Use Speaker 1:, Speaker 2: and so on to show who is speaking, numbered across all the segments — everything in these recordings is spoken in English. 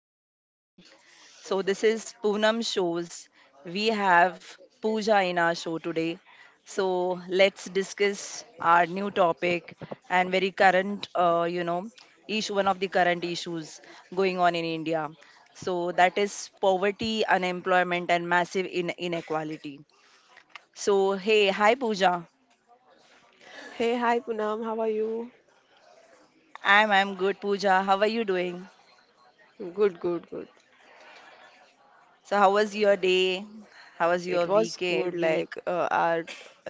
Speaker 1: Good morning. So, this is Poonam Shows. We have Pooja in our show today. So, let's discuss our new topic and very current, issue, one of the current issues going on in India. So, that is poverty, unemployment, and massive inequality. So, hey, hi, Pooja.
Speaker 2: Hey, hi Poonam, how are you?
Speaker 1: I'm good, Pooja. How are you doing?
Speaker 2: Good, good, good.
Speaker 1: So, how was your day? How was your
Speaker 2: It was
Speaker 1: week?
Speaker 2: good,
Speaker 1: Week?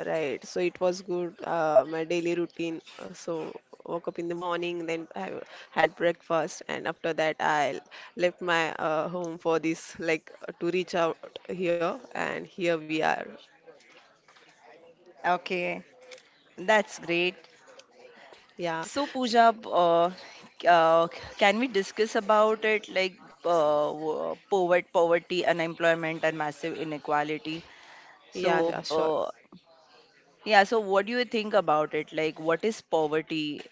Speaker 2: right. So it was good, my daily routine. So woke up in the morning, then I had breakfast, and after that I left my home for this, like, to reach out here, and here we are.
Speaker 1: Okay. That's great.
Speaker 2: Yeah,
Speaker 1: So,
Speaker 2: s-
Speaker 1: Pooja, can we discuss about it like poverty, unemployment, and massive inequality? So,
Speaker 2: yeah, sure.
Speaker 1: uh, yeah, so, what do you think about it? Like, what is poverty?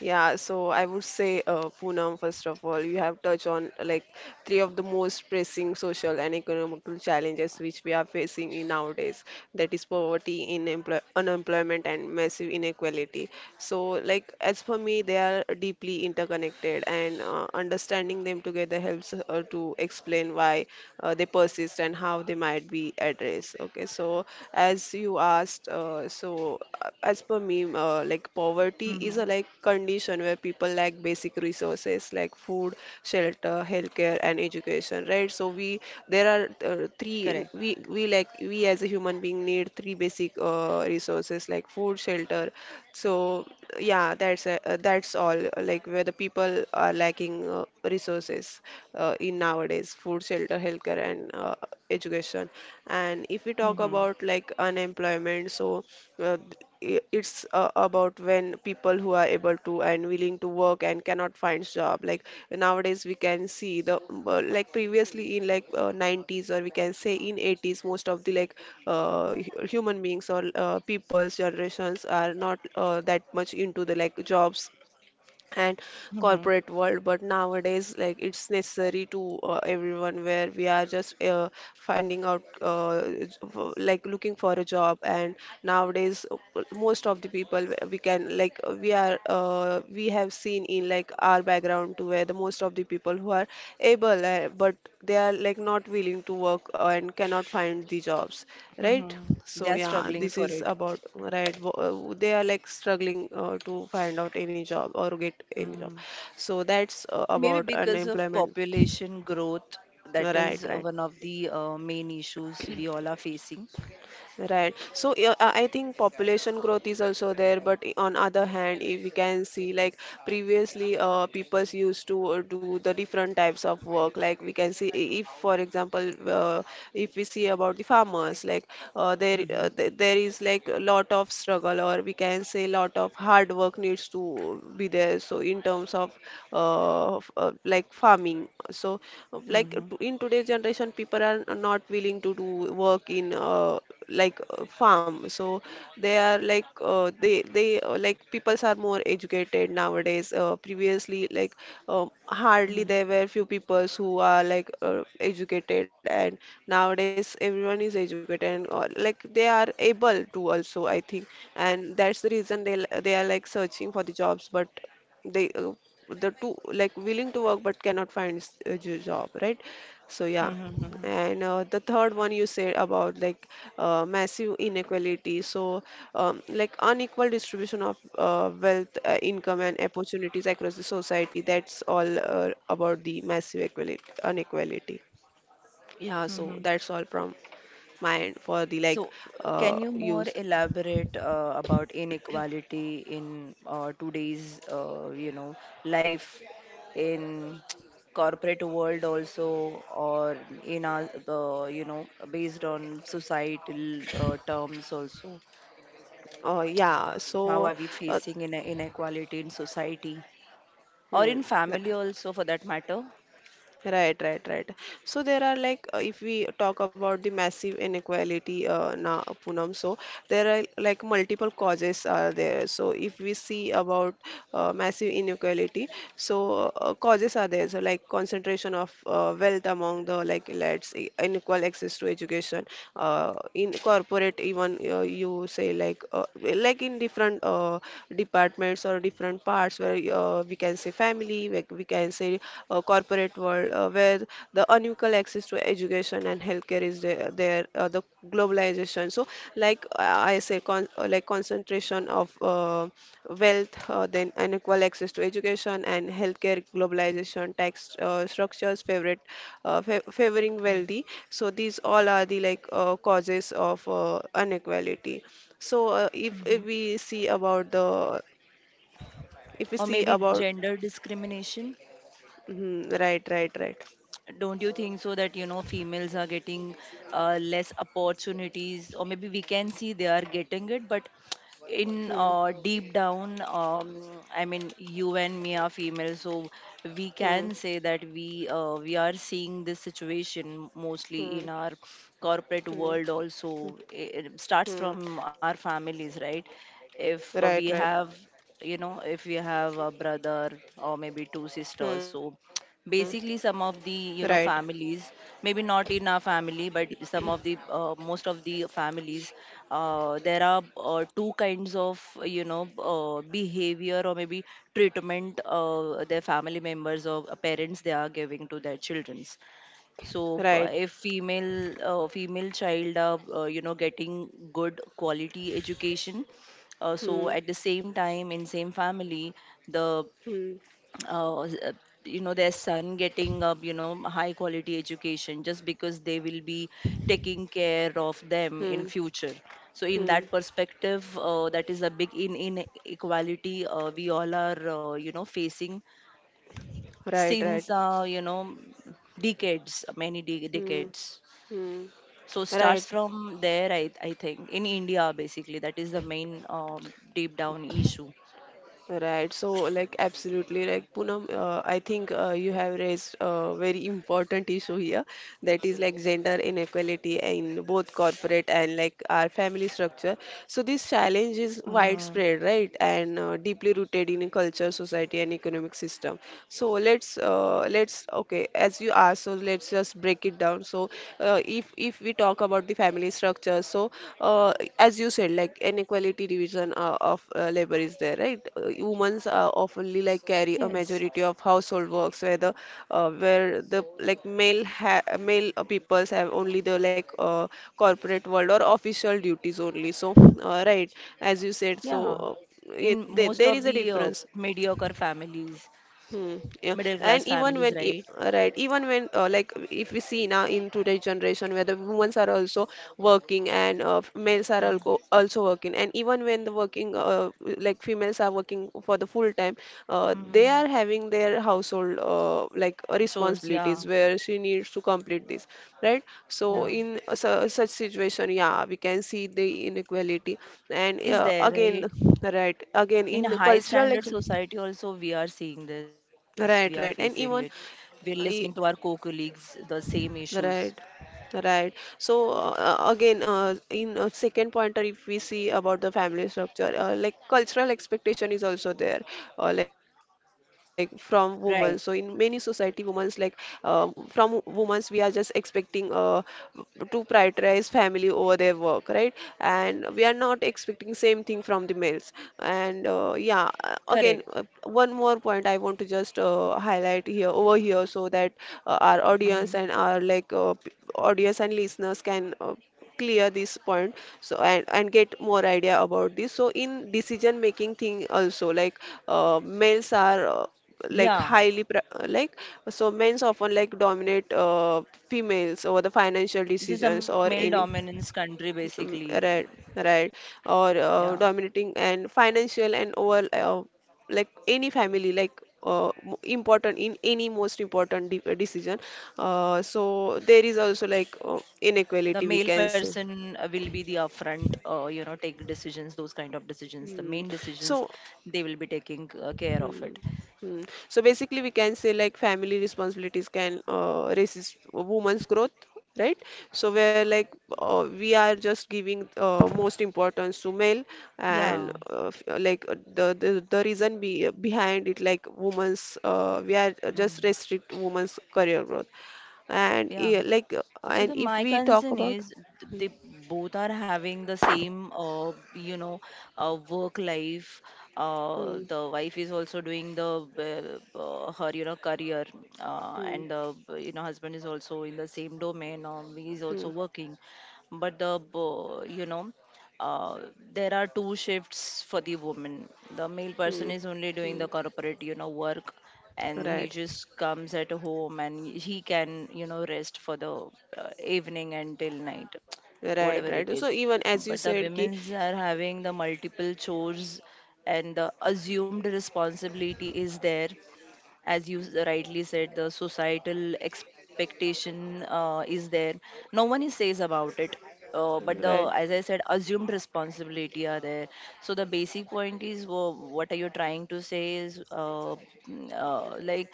Speaker 2: Yeah, so I would say, Poonam, first of all, you have touched on like three of the most pressing social and economical challenges which we are facing in nowadays. That is poverty, in employ unemployment, and massive inequality. So, like as for me, they are deeply interconnected, and understanding them together helps to explain why they persist and how they might be addressed. Okay, so as you asked, as per me, like poverty is a
Speaker 1: hmm
Speaker 2: like condition where people lack basic resources like food, shelter, healthcare, and education, right? So we there are three
Speaker 1: Correct.
Speaker 2: we like we as a human being need three basic resources like food, shelter. So yeah, that's all. Like where the people are lacking resources in nowadays supplies, food, shelter, healthcare, and education. And if we talk
Speaker 1: hmm
Speaker 2: about like unemployment, so uh, it's about when people who are able to and willing to work and cannot find job. Like nowadays, we can see the like previously in like 90s or we can say in 80s, most of the like human beings or people's generations are not that much into the like jobs and
Speaker 1: hmm
Speaker 2: corporate world but nowadays like it's necessary to everyone where we are just finding out like looking for a job and nowadays most of the people we can like we are we have seen in like our background to where the most of the people who are able but they are like not willing to work and cannot find the jobs, right?
Speaker 1: hmm They are
Speaker 2: So yeah,
Speaker 1: struggling
Speaker 2: this
Speaker 1: for
Speaker 2: is
Speaker 1: it.
Speaker 2: about right. They are like struggling to find out any job or get any job.
Speaker 1: hmm
Speaker 2: So that's
Speaker 1: Maybe
Speaker 2: about
Speaker 1: because of
Speaker 2: unemployment.
Speaker 1: population growth, that is
Speaker 2: Right, right.
Speaker 1: one of the main issues we all are facing.
Speaker 2: Right. So yeah, I think population growth is also there, but on other hand, if we can see like previously, people used to do the different types of work. Like we can see if, for example, if we see about the farmers, like there is like a lot of struggle, or we can say lot of hard work needs to be there. So in terms of like farming, so
Speaker 1: hmm
Speaker 2: in today's generation, people are not willing to do work in. Like farm so they are like they like peoples are more educated nowadays previously like hardly
Speaker 1: hmm
Speaker 2: there were few peoples who are like educated and nowadays everyone is educated and all, like they are able to also I think and that's the reason they are like searching for the jobs but they the two like willing to work but cannot find a job, right? So yeah,
Speaker 1: Mm-hmm.
Speaker 2: and the third one you said about like massive inequality so like unequal distribution of wealth, income and opportunities across the society, that's all about the massive equality, inequality. Yeah, so
Speaker 1: Mm-hmm.
Speaker 2: that's all from my end for the
Speaker 1: So,
Speaker 2: like
Speaker 1: uh,
Speaker 2: uh,
Speaker 1: can you more
Speaker 2: use
Speaker 1: elaborate about inequality in today's, life in corporate world also, or in our, based on societal terms also?
Speaker 2: Oh yeah,
Speaker 1: How
Speaker 2: so
Speaker 1: are we
Speaker 2: uh,
Speaker 1: facing in inequality in society or
Speaker 2: hmm.
Speaker 1: in family also, for that matter?
Speaker 2: Right, right, right. So there are like, if we talk about the massive inequality, na Poonam, so there are like multiple causes are there. So if we see about massive inequality, so causes are there. So like concentration of wealth among the like elites, unequal access to education, in corporate even you say like in different departments or different parts where we can say family we can say corporate world where the unequal access to education and healthcare is there, there the globalization, so like like concentration of wealth, then unequal access to education and healthcare, globalization, tax structures, favorite, favoring wealthy. So these all are the like causes of inequality. So
Speaker 1: Mm-hmm.
Speaker 2: if we see about the, if
Speaker 1: Or
Speaker 2: we see
Speaker 1: maybe
Speaker 2: about,
Speaker 1: gender discrimination?
Speaker 2: mhm, right, right, right.
Speaker 1: Don't you think so that you know females are getting less opportunities, or maybe we can see they are getting it, but in
Speaker 2: Hmm,
Speaker 1: deep down, I mean you and me are female, so we
Speaker 2: hmm,
Speaker 1: can say that we are seeing this situation
Speaker 2: hmm,
Speaker 1: mostly in our corporate
Speaker 2: hmm,
Speaker 1: world also. It
Speaker 2: hmm.
Speaker 1: starts from our families, right? If
Speaker 2: Right,
Speaker 1: we
Speaker 2: right.
Speaker 1: have, you know, if we have a brother or maybe two
Speaker 2: Hmm,
Speaker 1: sisters, so basically
Speaker 2: right,
Speaker 1: some of the, you know, families, maybe not in our family, but some of the most of the families, there are two kinds of, you know, behavior, or maybe treatment their family members or parents they are giving to their childrens. So
Speaker 2: right.
Speaker 1: if female child are, you know, getting good quality education,
Speaker 2: Hmm,
Speaker 1: so at the same time in same family the
Speaker 2: hmm,
Speaker 1: uh, s- uh, you know their son getting a, you know, high quality education just because they will be taking care of them in
Speaker 2: hmm,
Speaker 1: future. So in
Speaker 2: hmm.
Speaker 1: that perspective, that is a big in inequality we all are, you know, facing
Speaker 2: Right, right.
Speaker 1: since, decades,
Speaker 2: Hmm.
Speaker 1: decades.
Speaker 2: Hmm.
Speaker 1: So
Speaker 2: Right,
Speaker 1: starts from there. I think in india, basically, that is the main, deep down issue.
Speaker 2: right. So, like, absolutely, like, Poonam, I think you have raised a very important issue here that is like gender inequality in both corporate and like our family structure. So, this challenge is
Speaker 1: Mm-hmm.
Speaker 2: widespread, right, and deeply rooted in culture, society, and economic system. So, let's, okay, as you asked, so let's just break it down. So, if we talk about the family structure, so uh, as you said, like inequality division of labor is there, right? Women's oftenly like carry a
Speaker 1: Yes.
Speaker 2: majority of household works, where the like male peoples have only the like corporate world or official duties only. So right, as you said, so.
Speaker 1: Yeah, in
Speaker 2: There
Speaker 1: most
Speaker 2: is
Speaker 1: of
Speaker 2: a
Speaker 1: the
Speaker 2: difference.
Speaker 1: mediocre families,
Speaker 2: Hmm, yeah,
Speaker 1: middle class
Speaker 2: and
Speaker 1: families, right?
Speaker 2: right, even when like if we see now in today's generation where the women are also working and males are
Speaker 1: Mm.
Speaker 2: also working, and even when the working like females are working for the full time, they are
Speaker 1: Mm.
Speaker 2: having their household like
Speaker 1: Chores,
Speaker 2: responsibilities
Speaker 1: yeah,
Speaker 2: where she needs to complete this, right? So
Speaker 1: yeah,
Speaker 2: in su such situation, yeah, we can see the inequality, and
Speaker 1: is there,
Speaker 2: again,
Speaker 1: right?
Speaker 2: right, again
Speaker 1: In a
Speaker 2: in
Speaker 1: high
Speaker 2: cultural like.
Speaker 1: standard society, also, we are seeing this, we are
Speaker 2: Right,
Speaker 1: facing
Speaker 2: right.
Speaker 1: it.
Speaker 2: And even,
Speaker 1: We're listening to our
Speaker 2: e-
Speaker 1: co colleagues, the same issues,
Speaker 2: right, right. So again, in second pointer, if we see about the family structure, like cultural expectation is also there, like from women. So in many
Speaker 1: right?
Speaker 2: society, women's like from women's, we are just expecting to prioritize family over their work, right? And we are not expecting same thing from the males. And yeah, again,
Speaker 1: Correct.
Speaker 2: one more point I want to just highlight here over here so that our audience
Speaker 1: hmm
Speaker 2: and our like audience and listeners can clear this point, so and get more idea about this, so in decision making thing also like males are like
Speaker 1: Yeah,
Speaker 2: like so men's often like dominate females over the financial
Speaker 1: this is a
Speaker 2: decisions
Speaker 1: male
Speaker 2: or any
Speaker 1: dominance country, basically.
Speaker 2: right, right. Or
Speaker 1: Yeah,
Speaker 2: dominating and financial and over like any family like important in any most important de decision. So there is also like
Speaker 1: the
Speaker 2: inequality we
Speaker 1: male
Speaker 2: can say.
Speaker 1: person will be the upfront, you know, take decisions, those kind of decisions, the
Speaker 2: Hmm.
Speaker 1: main decisions.
Speaker 2: So
Speaker 1: They will be taking care of
Speaker 2: hmm.
Speaker 1: it.
Speaker 2: Hmm. So basically, we can say like family responsibilities can resist woman's growth, right? So where like we are just giving most importance to male,
Speaker 1: Yeah.
Speaker 2: and like the reason behind it like women's we are
Speaker 1: Mm,
Speaker 2: just restrict women's career growth, and
Speaker 1: yeah.
Speaker 2: yeah, like
Speaker 1: So
Speaker 2: and
Speaker 1: the
Speaker 2: if
Speaker 1: my
Speaker 2: we talk
Speaker 1: concern
Speaker 2: about
Speaker 1: is, they both are having the same, work life,
Speaker 2: hmm.
Speaker 1: the wife is also doing the her, you know, career,
Speaker 2: Hmm.
Speaker 1: and the, you know, husband is also in the same domain, he's
Speaker 2: Hmm.
Speaker 1: also working, but you know, uh, there are two shifts for the woman. The male
Speaker 2: Hmm.
Speaker 1: person is only doing
Speaker 2: Hmm.
Speaker 1: the corporate, you know, work, and he
Speaker 2: Right.
Speaker 1: just comes at home and he can, you know, rest for the evening until night,
Speaker 2: Right,
Speaker 1: whatever it
Speaker 2: right.
Speaker 1: is.
Speaker 2: So even as you
Speaker 1: But the
Speaker 2: said, ki
Speaker 1: women's are having the multiple chores, and the assumed responsibility is there. As you rightly said, the societal expectation is there. No one is says about it, but the,
Speaker 2: right.
Speaker 1: as I said, assumed responsibility are there. So the basic point is, what are you trying to say is like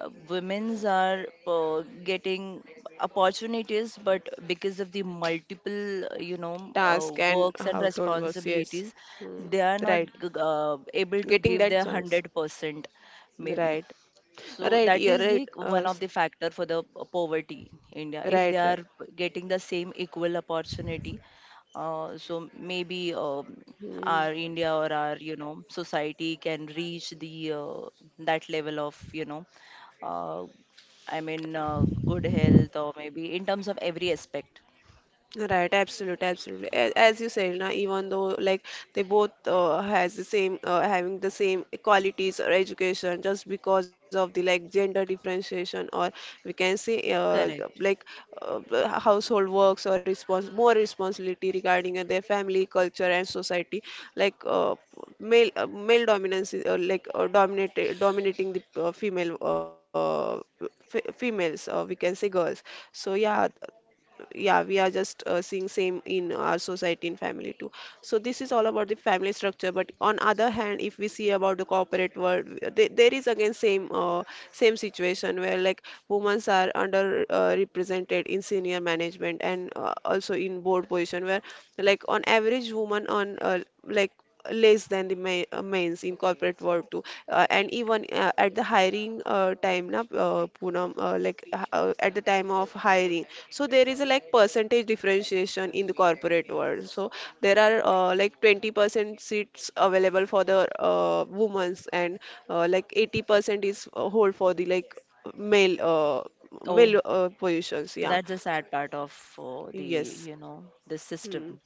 Speaker 1: women's are getting opportunities, but because of the multiple,
Speaker 2: Task and
Speaker 1: works and
Speaker 2: household was yes.
Speaker 1: responsibilities,
Speaker 2: Hmm.
Speaker 1: they are not
Speaker 2: Right.
Speaker 1: g- uh, able to
Speaker 2: Getting
Speaker 1: give
Speaker 2: that
Speaker 1: their
Speaker 2: chance.
Speaker 1: 100%, maybe.
Speaker 2: Right.
Speaker 1: So
Speaker 2: Right.
Speaker 1: that
Speaker 2: You're
Speaker 1: is
Speaker 2: right.
Speaker 1: the one of the factor for the poverty in India. If they
Speaker 2: Right.
Speaker 1: are
Speaker 2: Right.
Speaker 1: getting the same equal opportunity, so maybe,
Speaker 2: Hmm.
Speaker 1: our India or our, you know, society can reach the, that level of, uh, I mean, good health, or maybe in terms of every aspect.
Speaker 2: Right, absolutely, absolutely. As you said, na, even though like they both has the same having the same qualities or education, just because of the like gender differentiation or we can say
Speaker 1: Correct.
Speaker 2: like household works or respons more responsibility regarding their family, culture, and society. Like male dominance is like dominated dominating the females. We can say girls. So yeah, yeah, we are just seeing same in our society and family too, so this is all about the family structure, but on other hand if we see about the corporate world, there is again same same situation where like women are under represented in senior management and also in board position where like on average women on like less than the mains in corporate world too. And even at the hiring time, na, Poonam, at the time of hiring, so there is a like percentage differentiation in the corporate world. So there are like 20% seats available for the women's, and like 80% is hold for the like male uh,
Speaker 1: Oh,
Speaker 2: male positions. Yeah.
Speaker 1: that's a sad part of, the,
Speaker 2: Yes.
Speaker 1: you know, the
Speaker 2: Hmm.
Speaker 1: system,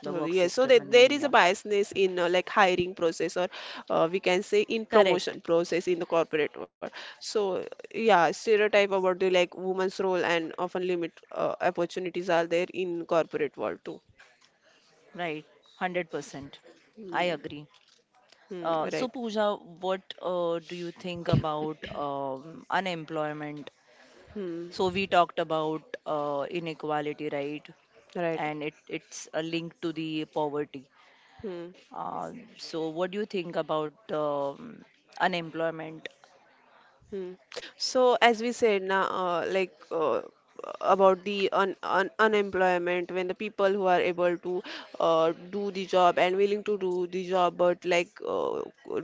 Speaker 1: the work
Speaker 2: Yes, so
Speaker 1: system
Speaker 2: that
Speaker 1: in
Speaker 2: there is a
Speaker 1: India.
Speaker 2: biasness in like hiring process, or we can say in
Speaker 1: Correct.
Speaker 2: promotion process in the corporate world. So yeah, stereotype about the woman's role and often limit opportunities are there in corporate world too.
Speaker 1: Right, 100%.
Speaker 2: Hmm.
Speaker 1: I agree.
Speaker 2: Hmm.
Speaker 1: So,
Speaker 2: Right.
Speaker 1: Pooja, what do you think about, unemployment?
Speaker 2: Hmm.
Speaker 1: So, we talked about inequality, right?
Speaker 2: Right.
Speaker 1: And it's a link to the poverty.
Speaker 2: Hmm.
Speaker 1: Uh, so, what do you think about, unemployment?
Speaker 2: Hmm. So, as we said now, about the un un unemployment, when the people who are able to do the job and willing to do the job, but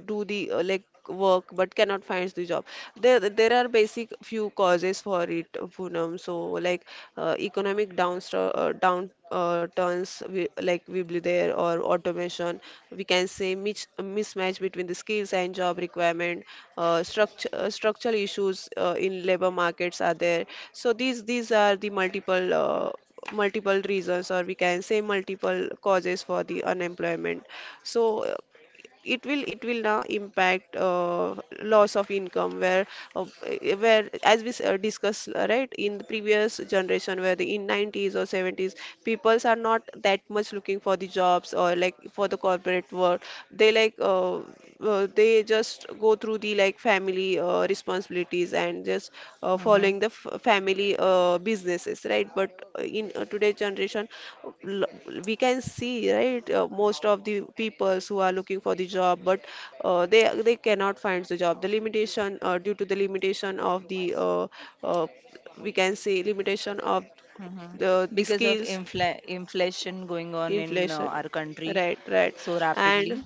Speaker 2: do the work but cannot find the job. There are basic few causes for it, Poonam. So, like economic down downstr down turns we, like Weebly there or automation. We can say mismatch between the skills and job requirement. Structure Structural issues in labor markets are there. So these are the multiple reasons or we can say multiple causes for the unemployment. So it will now impact loss of income. Where uh, discussed, right, in the previous generation where the in 90s or 70s peoples are not that much looking for the jobs or like for the corporate world, they they just go through the like family responsibilities and just
Speaker 1: hmm
Speaker 2: following the f family businesses, right? But in today's generation, l- we can see, right, most of the peoples who are looking for the job, but they cannot find the job. The limitation due to the limitation of the uh, we can say limitation of
Speaker 1: hmm
Speaker 2: the
Speaker 1: Because
Speaker 2: the
Speaker 1: of
Speaker 2: skills,
Speaker 1: inflation going on in
Speaker 2: inflation,
Speaker 1: our country
Speaker 2: right. Right.
Speaker 1: so rapidly.
Speaker 2: And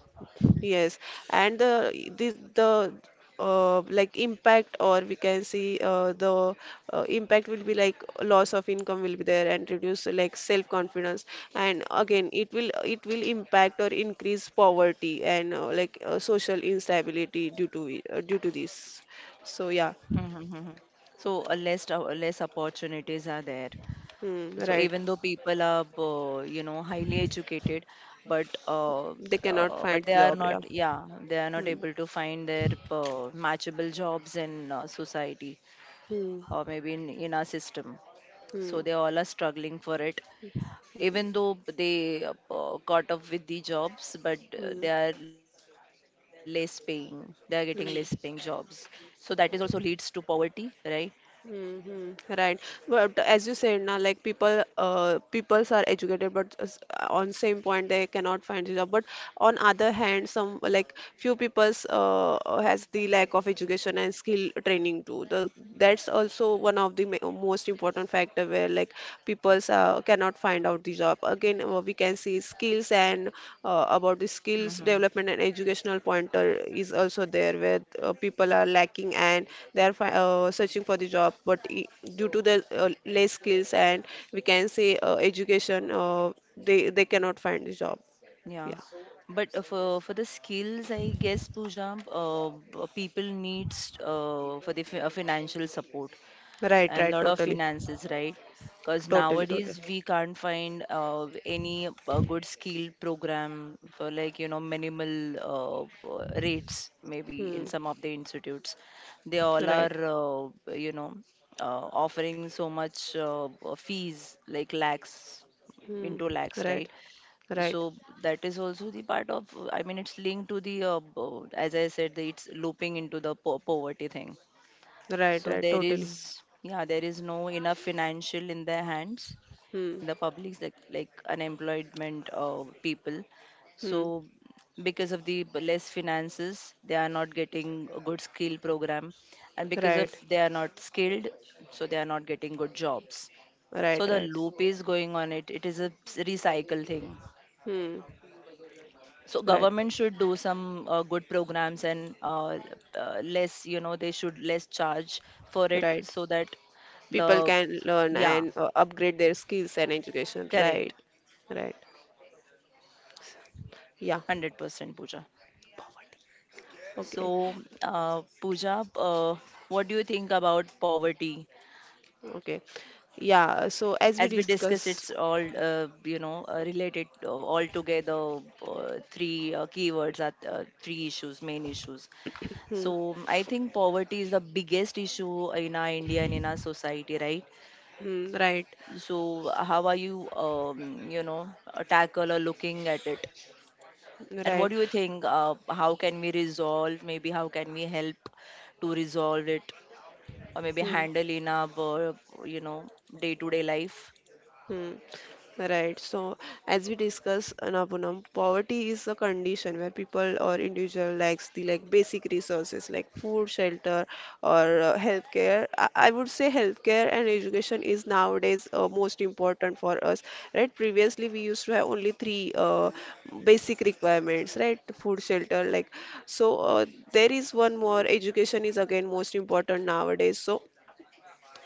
Speaker 2: yes. And the, like impact, or we can see, the impact will be like loss of income will be there and reduce like self confidence. And again it will impact or increase poverty and social instability due due to this. So yeah.
Speaker 1: Mhm, mhm. So less opportunities are there.
Speaker 2: Hmm,
Speaker 1: So
Speaker 2: right.
Speaker 1: even though people are, you know, highly educated, but uh,
Speaker 2: They cannot
Speaker 1: but
Speaker 2: find
Speaker 1: they are
Speaker 2: job, yeah.
Speaker 1: not, yeah, they are not
Speaker 2: hmm.
Speaker 1: able to find their matchable jobs in, society,
Speaker 2: Hmm.
Speaker 1: or maybe in our system.
Speaker 2: Hmm.
Speaker 1: So they all are struggling for it. Even
Speaker 2: Hmm.
Speaker 1: though they caught up with the jobs, but
Speaker 2: Hmm.
Speaker 1: they are less paying. They are getting less paying jobs.
Speaker 2: Hmm.
Speaker 1: So that is also leads to poverty, right?
Speaker 2: Hmm. Hmm. Right. But as you said, now peoples are educated, but on same point they cannot find a job. But on other hand, some like few peoples has the lack of education and skill training too. That's also one of the most important factor where like people cannot find out the job. Again, we can see skills and about the skills
Speaker 1: Mm-hmm.
Speaker 2: development and educational pointer is also there where people are lacking and they are searching for the job. Due to the less skills and we can say education, they cannot find the job.
Speaker 1: Yeah,
Speaker 2: Yeah,
Speaker 1: but for the skills, I guess Pooja, people needs financial support
Speaker 2: right,
Speaker 1: and
Speaker 2: right,
Speaker 1: lot of finances, right? Because
Speaker 2: totally.
Speaker 1: nowadays we can't find any good skill program for, like, you know, minimal rates, maybe, in
Speaker 2: Hmm.
Speaker 1: some of the institutes. They all are,
Speaker 2: Right.
Speaker 1: uh, you know offering so much fees like lakhs
Speaker 2: Hmm.
Speaker 1: into lakhs,
Speaker 2: Right.
Speaker 1: right?
Speaker 2: Right.
Speaker 1: So that is also the part of, I mean, it's linked to the, as I said, it's looping into the poverty thing.
Speaker 2: Right.
Speaker 1: So
Speaker 2: Right.
Speaker 1: there
Speaker 2: Totally.
Speaker 1: is, yeah, there is no enough financial in their hands,
Speaker 2: Hmm.
Speaker 1: in the publics, like unemployment people. So
Speaker 2: Hmm.
Speaker 1: because of the less finances, they are not getting a good skill program, and because
Speaker 2: Right.
Speaker 1: of they are not skilled, so they are not getting good jobs.
Speaker 2: Right.
Speaker 1: So the
Speaker 2: Right.
Speaker 1: loop is going on. It is a recycle thing.
Speaker 2: Hmm.
Speaker 1: So
Speaker 2: Right.
Speaker 1: government should do some good programs, and less, you know, they should less charge for it,
Speaker 2: Right.
Speaker 1: so that the,
Speaker 2: People can learn
Speaker 1: yeah,
Speaker 2: and upgrade their skills and education.
Speaker 1: correct,
Speaker 2: Right. Right. Yeah.
Speaker 1: 100% pooja.
Speaker 2: Okay.
Speaker 1: So pooja what do you think about poverty?
Speaker 2: Okay. Yeah. So as we
Speaker 1: As we discuss,
Speaker 2: discuss.
Speaker 1: it's all, related all together, three keywords are three issues, main issues.
Speaker 2: Hmm.
Speaker 1: So I think poverty is the biggest issue in our india and in our society, right?
Speaker 2: Hmm. Right.
Speaker 1: So, how are you, tackle or looking at it? And what
Speaker 2: Right.
Speaker 1: do you think? How can we resolve? Maybe how can we help to resolve it, or maybe
Speaker 2: Hmm.
Speaker 1: handle in our, uh, you know, day-to-day life?
Speaker 2: Hmm. Right. So, as we discuss, Napunam, poverty is a condition where people or individual lacks the like basic resources like food, shelter, or healthcare. I would say healthcare and education is nowadays most important for us, right? Previously, we used to have only three basic requirements, right? Food, shelter, like, so. There is one more. Education is again most important nowadays. So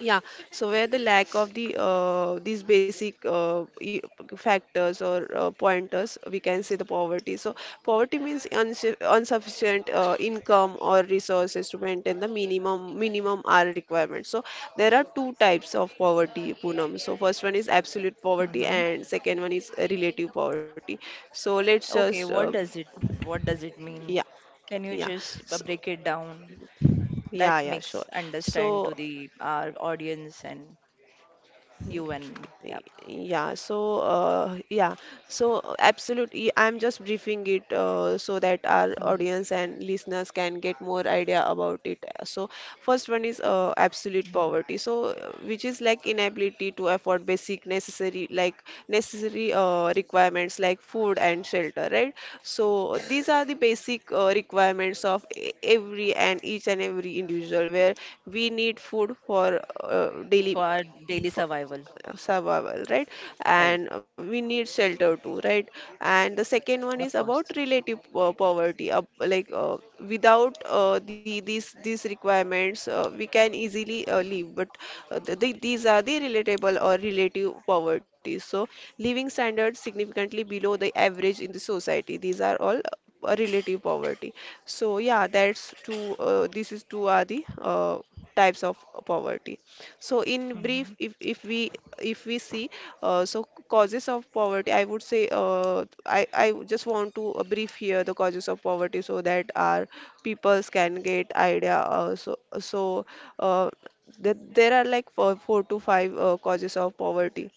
Speaker 2: yeah. So where the lack of the these basic factors or pointers, we can say the poverty. So poverty means unsu insufficient income or resources to maintain the minimum R requirement. So there are two types of poverty, Poonam. So first one is absolute poverty,
Speaker 1: hmm
Speaker 2: and second one is relative poverty. So let's
Speaker 1: Okay,
Speaker 2: just
Speaker 1: what does it? What does it mean?
Speaker 2: yeah,
Speaker 1: Can you
Speaker 2: yeah.
Speaker 1: just
Speaker 2: So,
Speaker 1: break it down?
Speaker 2: yeah,
Speaker 1: That
Speaker 2: yeah, sure.
Speaker 1: makes understand
Speaker 2: So
Speaker 1: to the our audience and you and me. Yeah.
Speaker 2: yeah, so absolutely, I'm just briefing it so that our
Speaker 1: Mhm.
Speaker 2: audience and listeners can get more idea about it. So first one is absolute
Speaker 1: Mhm.
Speaker 2: poverty, which is like inability to afford basic necessary like necessary requirements like food and shelter, right? So these are the basic requirements of every and each and every individual, where we need food for
Speaker 1: For
Speaker 2: daily,
Speaker 1: our daily
Speaker 2: for
Speaker 1: survival,
Speaker 2: survival, right?
Speaker 1: right?
Speaker 2: And we need shelter too, right? And the second one is
Speaker 1: Of
Speaker 2: about
Speaker 1: course.
Speaker 2: relative poverty, without the these requirements we can easily live. But these are the relatable or relative poverty. So living standards significantly below the average in the society, these are all relative poverty. So yeah, that's two this is two are the types of poverty. So in
Speaker 1: Mhm.
Speaker 2: brief, if we see, so causes of poverty, I would say, I just want to brief here the causes of poverty so that our peoples can get idea. Uh, that there are like four to five causes of poverty.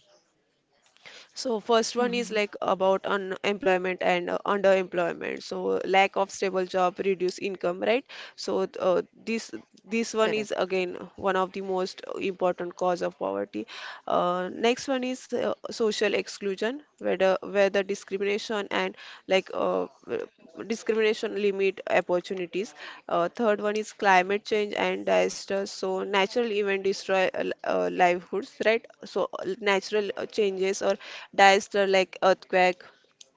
Speaker 2: So first one is
Speaker 1: Mhm.
Speaker 2: like about unemployment and underemployment. So lack of stable job, reduce income, right? So this one
Speaker 1: Correct.
Speaker 2: is again one of the most important cause of poverty. Next one is social exclusion, whether discrimination and like uh, w- discrimination limit opportunities. Third one is climate change and disasters. So natural event destroy livelihoods, right? So natural changes or disaster like earthquake.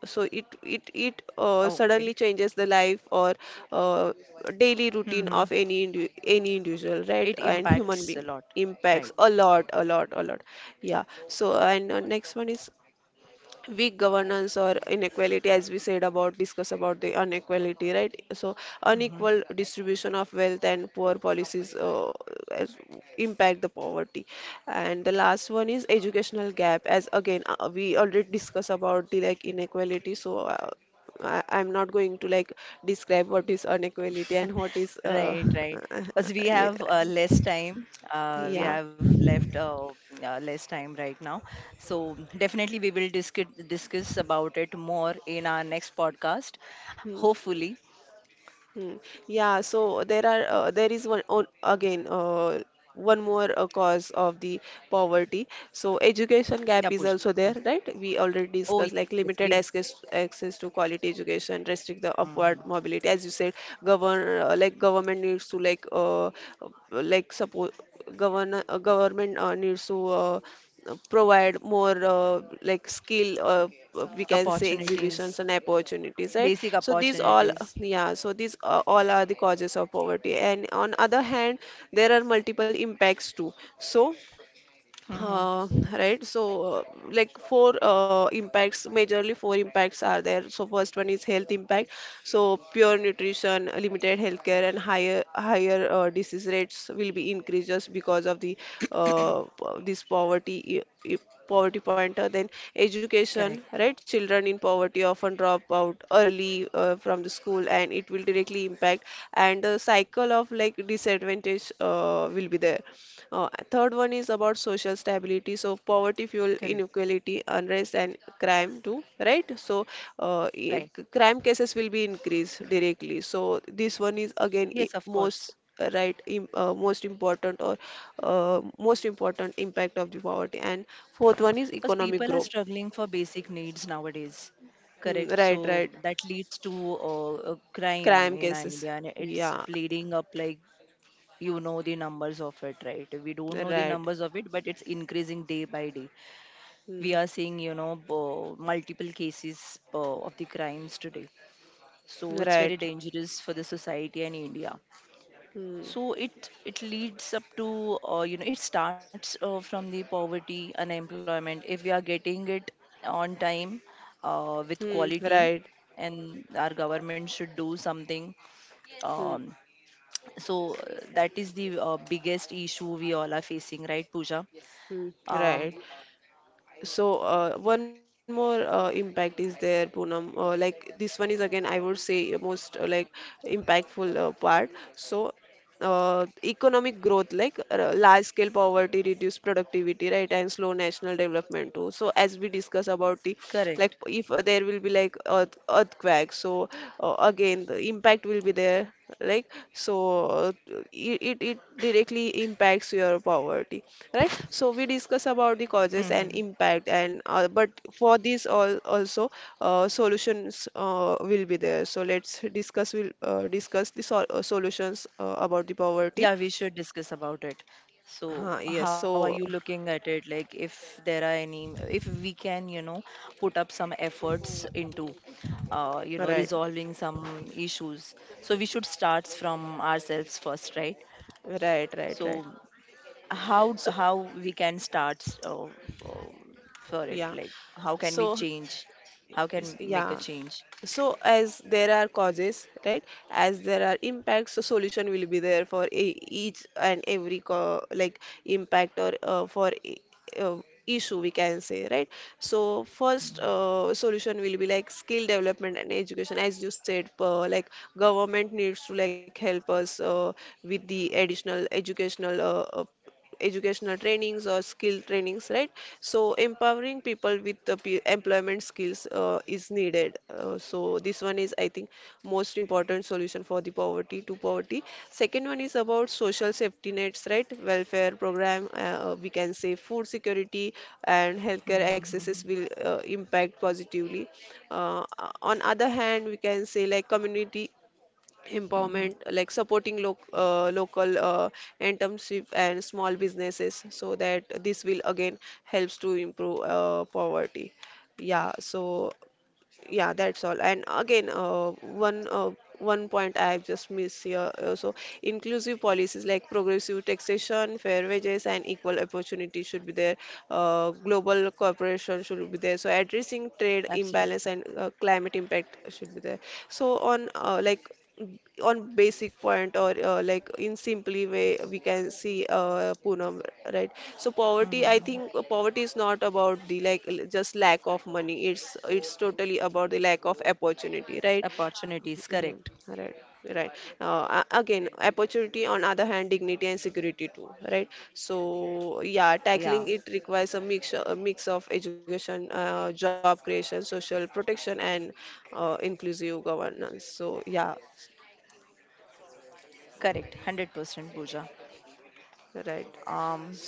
Speaker 2: So it
Speaker 1: Oh, okay.
Speaker 2: suddenly changes the life or uh, daily routine
Speaker 1: Mhm.
Speaker 2: of any individual,
Speaker 1: It
Speaker 2: right? And human
Speaker 1: impacts a
Speaker 2: being
Speaker 1: lot. Right.
Speaker 2: impacts a lot, a lot, a lot. Yeah. So and next one is weak governance or inequality, as we said, about discuss about the inequality, right? So
Speaker 1: Mhm.
Speaker 2: unequal distribution of wealth and poor policies, as, impact the poverty. And the last one is educational gap. As again, we already discuss about the like inequality, so I'm not going to like describe what is inequality and what is
Speaker 1: Right, right. Because we
Speaker 2: yeah.
Speaker 1: have less time. We
Speaker 2: Yeah.
Speaker 1: have left less time right now. So definitely we will discuss about it more in our next podcast. Hopefully.
Speaker 2: Hmm. Yeah, so there are there is one on, again, one more cause of the poverty. So education gap
Speaker 1: Yeah,
Speaker 2: is
Speaker 1: Pooja.
Speaker 2: also
Speaker 1: Mm.
Speaker 2: there, right? We already
Speaker 1: Oh, yes.
Speaker 2: discussed like limited
Speaker 1: We,
Speaker 2: access to quality education, restrict the upward
Speaker 1: Mhm.
Speaker 2: mobility. As you said, government needs to support. Government needs to provide more like skill, we can say exhibitions
Speaker 1: Opportunities,
Speaker 2: and opportunities, right?
Speaker 1: basic
Speaker 2: So these all,
Speaker 1: opportunities.
Speaker 2: yeah, so these all are the causes of poverty. And on other hand, there are multiple impacts too. So
Speaker 1: hmm
Speaker 2: uh, right. So like four impacts, majorly four impacts are there. So first one is health impact. So pure nutrition, limited healthcare and higher disease rates will be increased just because of the this poverty poverty pointer. Then
Speaker 1: Correct,
Speaker 2: education, right? Children in poverty often drop out early from the school, and it will directly impact, and the cycle of like disadvantage will be there. Third one is about social stability. So poverty fuel
Speaker 1: correct.
Speaker 2: inequality, unrest, and crime too, right? So
Speaker 1: Right.
Speaker 2: crime cases will be increased directly. So this one is again
Speaker 1: Yes, of course.
Speaker 2: most, most important or uh, most important impact of the poverty. And fourth one is
Speaker 1: Because people are
Speaker 2: economic growth.
Speaker 1: struggling for basic needs nowadays. Correct.
Speaker 2: Hmm, right,
Speaker 1: So
Speaker 2: right.
Speaker 1: that leads to crime
Speaker 2: Crime
Speaker 1: in
Speaker 2: cases.
Speaker 1: India, and it's
Speaker 2: Yeah,
Speaker 1: bleeding up like, you know, the numbers of it, right? We don't know the
Speaker 2: right.
Speaker 1: numbers of it, but it's increasing day by day. We
Speaker 2: Hmm,
Speaker 1: are seeing, you know, multiple cases of the crimes today. So it's very
Speaker 2: right.
Speaker 1: dangerous for the society and India.
Speaker 2: Hmm,
Speaker 1: So it leads up to, you know, it starts from the poverty, unemployment. If we are getting it on time, with
Speaker 2: hmm,
Speaker 1: quality,
Speaker 2: right.
Speaker 1: and our government should do something,
Speaker 2: Hmm,
Speaker 1: um, so that is the biggest issue we all are facing, right pooja?
Speaker 2: hmm,
Speaker 1: um,
Speaker 2: right. So, one more impact is there, Poonam. Like this one is again, I would say most like impactful part. So, economic growth, like large scale poverty, reduced productivity, right, and slow national development too. So, as we discuss about the, like
Speaker 1: Correct.
Speaker 2: if there will be like earthquake, so again the impact will be there, like so. It directly impacts your poverty, right? So we discuss about the causes
Speaker 1: Mm-hmm.
Speaker 2: and impact and but for this all also solutions will be there. So let's discuss, will discuss the solutions about the poverty
Speaker 1: Yeah, we should discuss about it.
Speaker 2: huh,
Speaker 1: So,
Speaker 2: Yes.
Speaker 1: how are
Speaker 2: So
Speaker 1: you looking at it? Like, if there are any, if we can, you know, put up some efforts into, you know,
Speaker 2: right,
Speaker 1: resolving some issues. So we should start from ourselves first, right?
Speaker 2: right, right, right.
Speaker 1: So how
Speaker 2: So
Speaker 1: how we can start for it?
Speaker 2: yeah.
Speaker 1: Like, how can we
Speaker 2: So
Speaker 1: change? How can make
Speaker 2: yeah.
Speaker 1: a change?
Speaker 2: So as there are causes, right, as there are impacts, so solution will be there for each and every like impact or uh, issue, we can say, right? So first solution will be like skill development and education, as you said, like government needs to like help us with the additional educational educational trainings or skill trainings, right? So empowering people with the employment skills is needed, so this one is, I think, most important solution for the poverty. Second one is about social safety nets, right? Welfare program, we can say food security and healthcare
Speaker 1: Mm-hmm.
Speaker 2: accesses will impact positively. uh, on other hand, we can say like community
Speaker 1: hmm
Speaker 2: empowerment, like supporting lo local entrepreneurship and small businesses, so that this will again helps to improve poverty. Yeah, so yeah, that's all. And again, one uh, one point I have just missed here, so inclusive policies like progressive taxation, fair wages, and equal opportunity should be there. Global cooperation should be there, so addressing trade
Speaker 1: Absolutely.
Speaker 2: imbalance and climate impact should be there. So on like on basic point or like in simply way, we can see, Poonam, right? So poverty,
Speaker 1: hmm
Speaker 2: I think poverty is not about the like just lack of money. It's totally about the lack of opportunity, right?
Speaker 1: Opportunities,
Speaker 2: Mhm.
Speaker 1: correct.
Speaker 2: Right, right. Again, opportunity on other hand, dignity and security too, right? So yeah,
Speaker 1: Yeah.
Speaker 2: tackling it requires a mix of education, job creation, social protection, and inclusive governance. So yeah.
Speaker 1: Correct, 100% Pooja.
Speaker 2: Right.
Speaker 1: Um,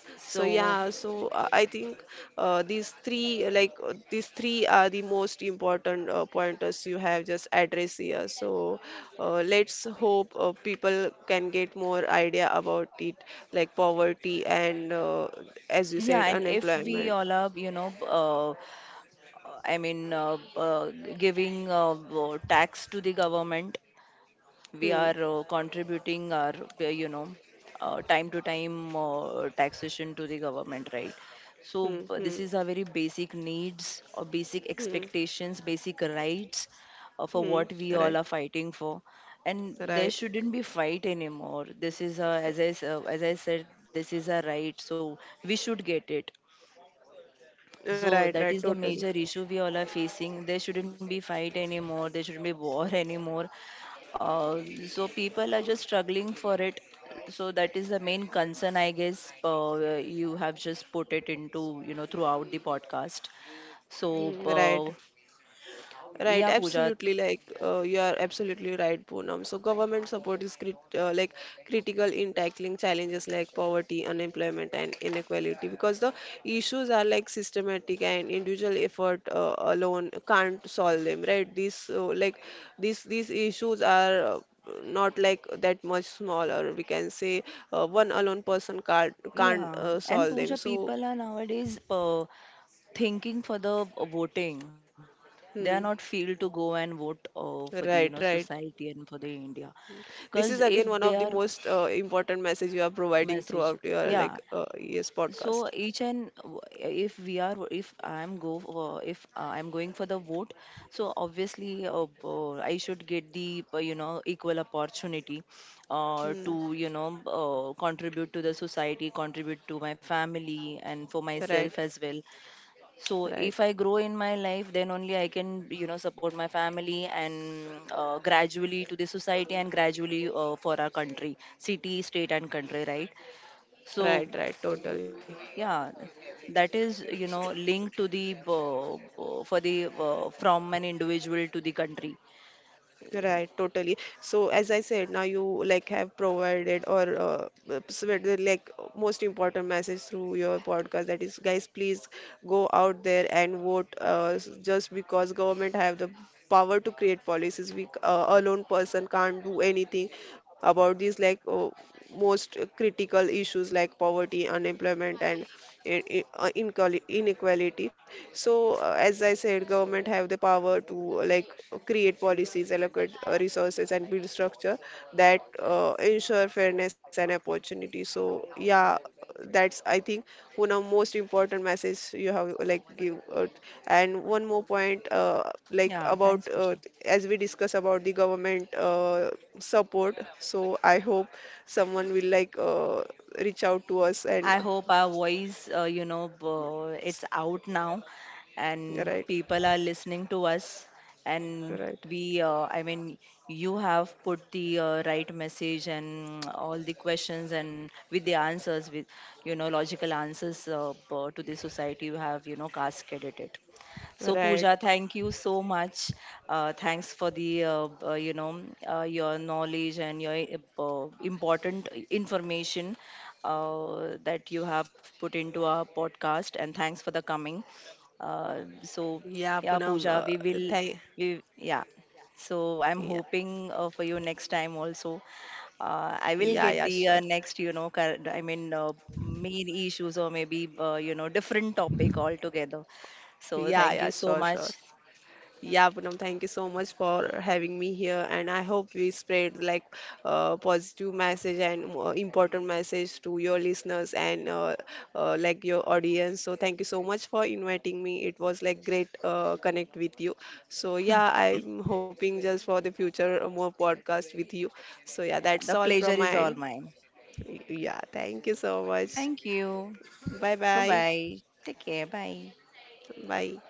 Speaker 2: So yeah,
Speaker 1: so
Speaker 2: so I think these three, these three are the most important pointers you have just addressed here. So let's hope people can get more idea about it, like poverty and, as you
Speaker 1: yeah,
Speaker 2: said,
Speaker 1: and if we
Speaker 2: unemployment.
Speaker 1: all are, you know, I mean, uh, uh, giving tax to the government,
Speaker 2: Hmm.
Speaker 1: we are contributing our uh, you know time to time taxation to the government, right?
Speaker 2: Hmm.
Speaker 1: So,
Speaker 2: Hmm.
Speaker 1: this is a very basic needs, or basic
Speaker 2: Hmm.
Speaker 1: expectations, basic rights, for
Speaker 2: Hmm.
Speaker 1: what we all
Speaker 2: Right.
Speaker 1: are fighting for, and there
Speaker 2: Right.
Speaker 1: shouldn't be fight anymore. This is a, as I said, this is a right, so we should get it. So
Speaker 2: Right.
Speaker 1: that
Speaker 2: Right.
Speaker 1: is the
Speaker 2: Totally.
Speaker 1: major issue we all are facing. There shouldn't be fight anymore. There shouldn't be war anymore. So people are just struggling for it. So that is the main concern, I guess. You have just put it into, you know, throughout the podcast. So,
Speaker 2: Hmm. Right. Right,
Speaker 1: yeah, Pooja.
Speaker 2: absolutely. Like, you are absolutely right, Poonam. So government support is crit like critical in tackling challenges like poverty, unemployment, and inequality, because the issues are like systematic and individual effort alone can't solve them. Right? These these issues are. Not like that much small, or we can say one alone person can't can't
Speaker 1: Yeah.
Speaker 2: uh,
Speaker 1: And
Speaker 2: solve them.
Speaker 1: Pooja,
Speaker 2: So
Speaker 1: people are nowadays thinking for the voting. They are not
Speaker 2: hmm,
Speaker 1: feel to go and vote for the, you know,
Speaker 2: right, right.
Speaker 1: society and for the India.
Speaker 2: This is
Speaker 1: Because
Speaker 2: again one
Speaker 1: if
Speaker 2: of
Speaker 1: they
Speaker 2: the
Speaker 1: are
Speaker 2: most important message you are providing throughout
Speaker 1: message,
Speaker 2: your
Speaker 1: yeah,
Speaker 2: like yes
Speaker 1: so
Speaker 2: podcast.
Speaker 1: each and if we are, if I'm go for, if I'm going for the vote, so obviously, I should get the, you know, equal opportunity
Speaker 2: Hmm.
Speaker 1: to, you know, contribute to the society, contribute to my family and for
Speaker 2: Right,
Speaker 1: myself as well. So
Speaker 2: right,
Speaker 1: if I grow in my life, then only I can, you know, support my family, and gradually to the society, and gradually, for our country, city, state, and country, right?
Speaker 2: right,
Speaker 1: So
Speaker 2: right. Totally.
Speaker 1: yeah, that is, you know, linked to the, for the, from an individual to the country.
Speaker 2: Right, totally. So as I said, now you like have provided or spread the, like, most important message through your podcast. That is, guys, please go out there and vote. Just because government have the power to create policies, alone person can't do anything about these like most critical issues like poverty, unemployment, and inequality. So, as I said, government have the power to create policies, allocate resources, and build structure that ensure fairness and opportunity. So yeah, that's, I think, one of most important message you have like give out. And one more point, like
Speaker 1: Yeah, thanks,
Speaker 2: about
Speaker 1: Pooja.
Speaker 2: as we discuss about the government support. So I hope someone will like reach out to us and
Speaker 1: I hope our voice, it's out now, and
Speaker 2: right.
Speaker 1: people are listening to us. And
Speaker 2: Right.
Speaker 1: we, I mean, you have put the right message and all the questions and with the answers, with, you know, logical answers to the society. You have, you know, cascaded it. So
Speaker 2: Right.
Speaker 1: Pooja, thank you so much. Thanks for the, you know, your knowledge and your important information that you have put into our podcast, and thanks for the coming. Uh,
Speaker 2: Yeah,
Speaker 1: so
Speaker 2: Poonam,
Speaker 1: yeah, Pooja, we
Speaker 2: thank,
Speaker 1: will we yeah. So
Speaker 2: yeah,
Speaker 1: I'm hoping for you next time also. I
Speaker 2: yeah,
Speaker 1: will
Speaker 2: yeah,
Speaker 1: get
Speaker 2: sure.
Speaker 1: the, next, you know, I mean, main issues, or maybe, you know, different topic altogether. So
Speaker 2: Yeah,
Speaker 1: thank
Speaker 2: yeah,
Speaker 1: you so
Speaker 2: sure,
Speaker 1: much.
Speaker 2: sure. Yeah, Poonam, thank you so much for having me here, and I hope we spread like positive message and important message to your listeners and like your audience. So thank you so much for inviting me. It was like great connect with you. So yeah, I'm hoping just for the future more podcast with you. So yeah, that's
Speaker 1: The
Speaker 2: all
Speaker 1: pleasure
Speaker 2: from my
Speaker 1: is all
Speaker 2: end.
Speaker 1: mine.
Speaker 2: Yeah, thank you so much.
Speaker 1: Thank you.
Speaker 2: Bye
Speaker 1: Bye
Speaker 2: bye.
Speaker 1: bye. Take care. Bye.
Speaker 2: Bye.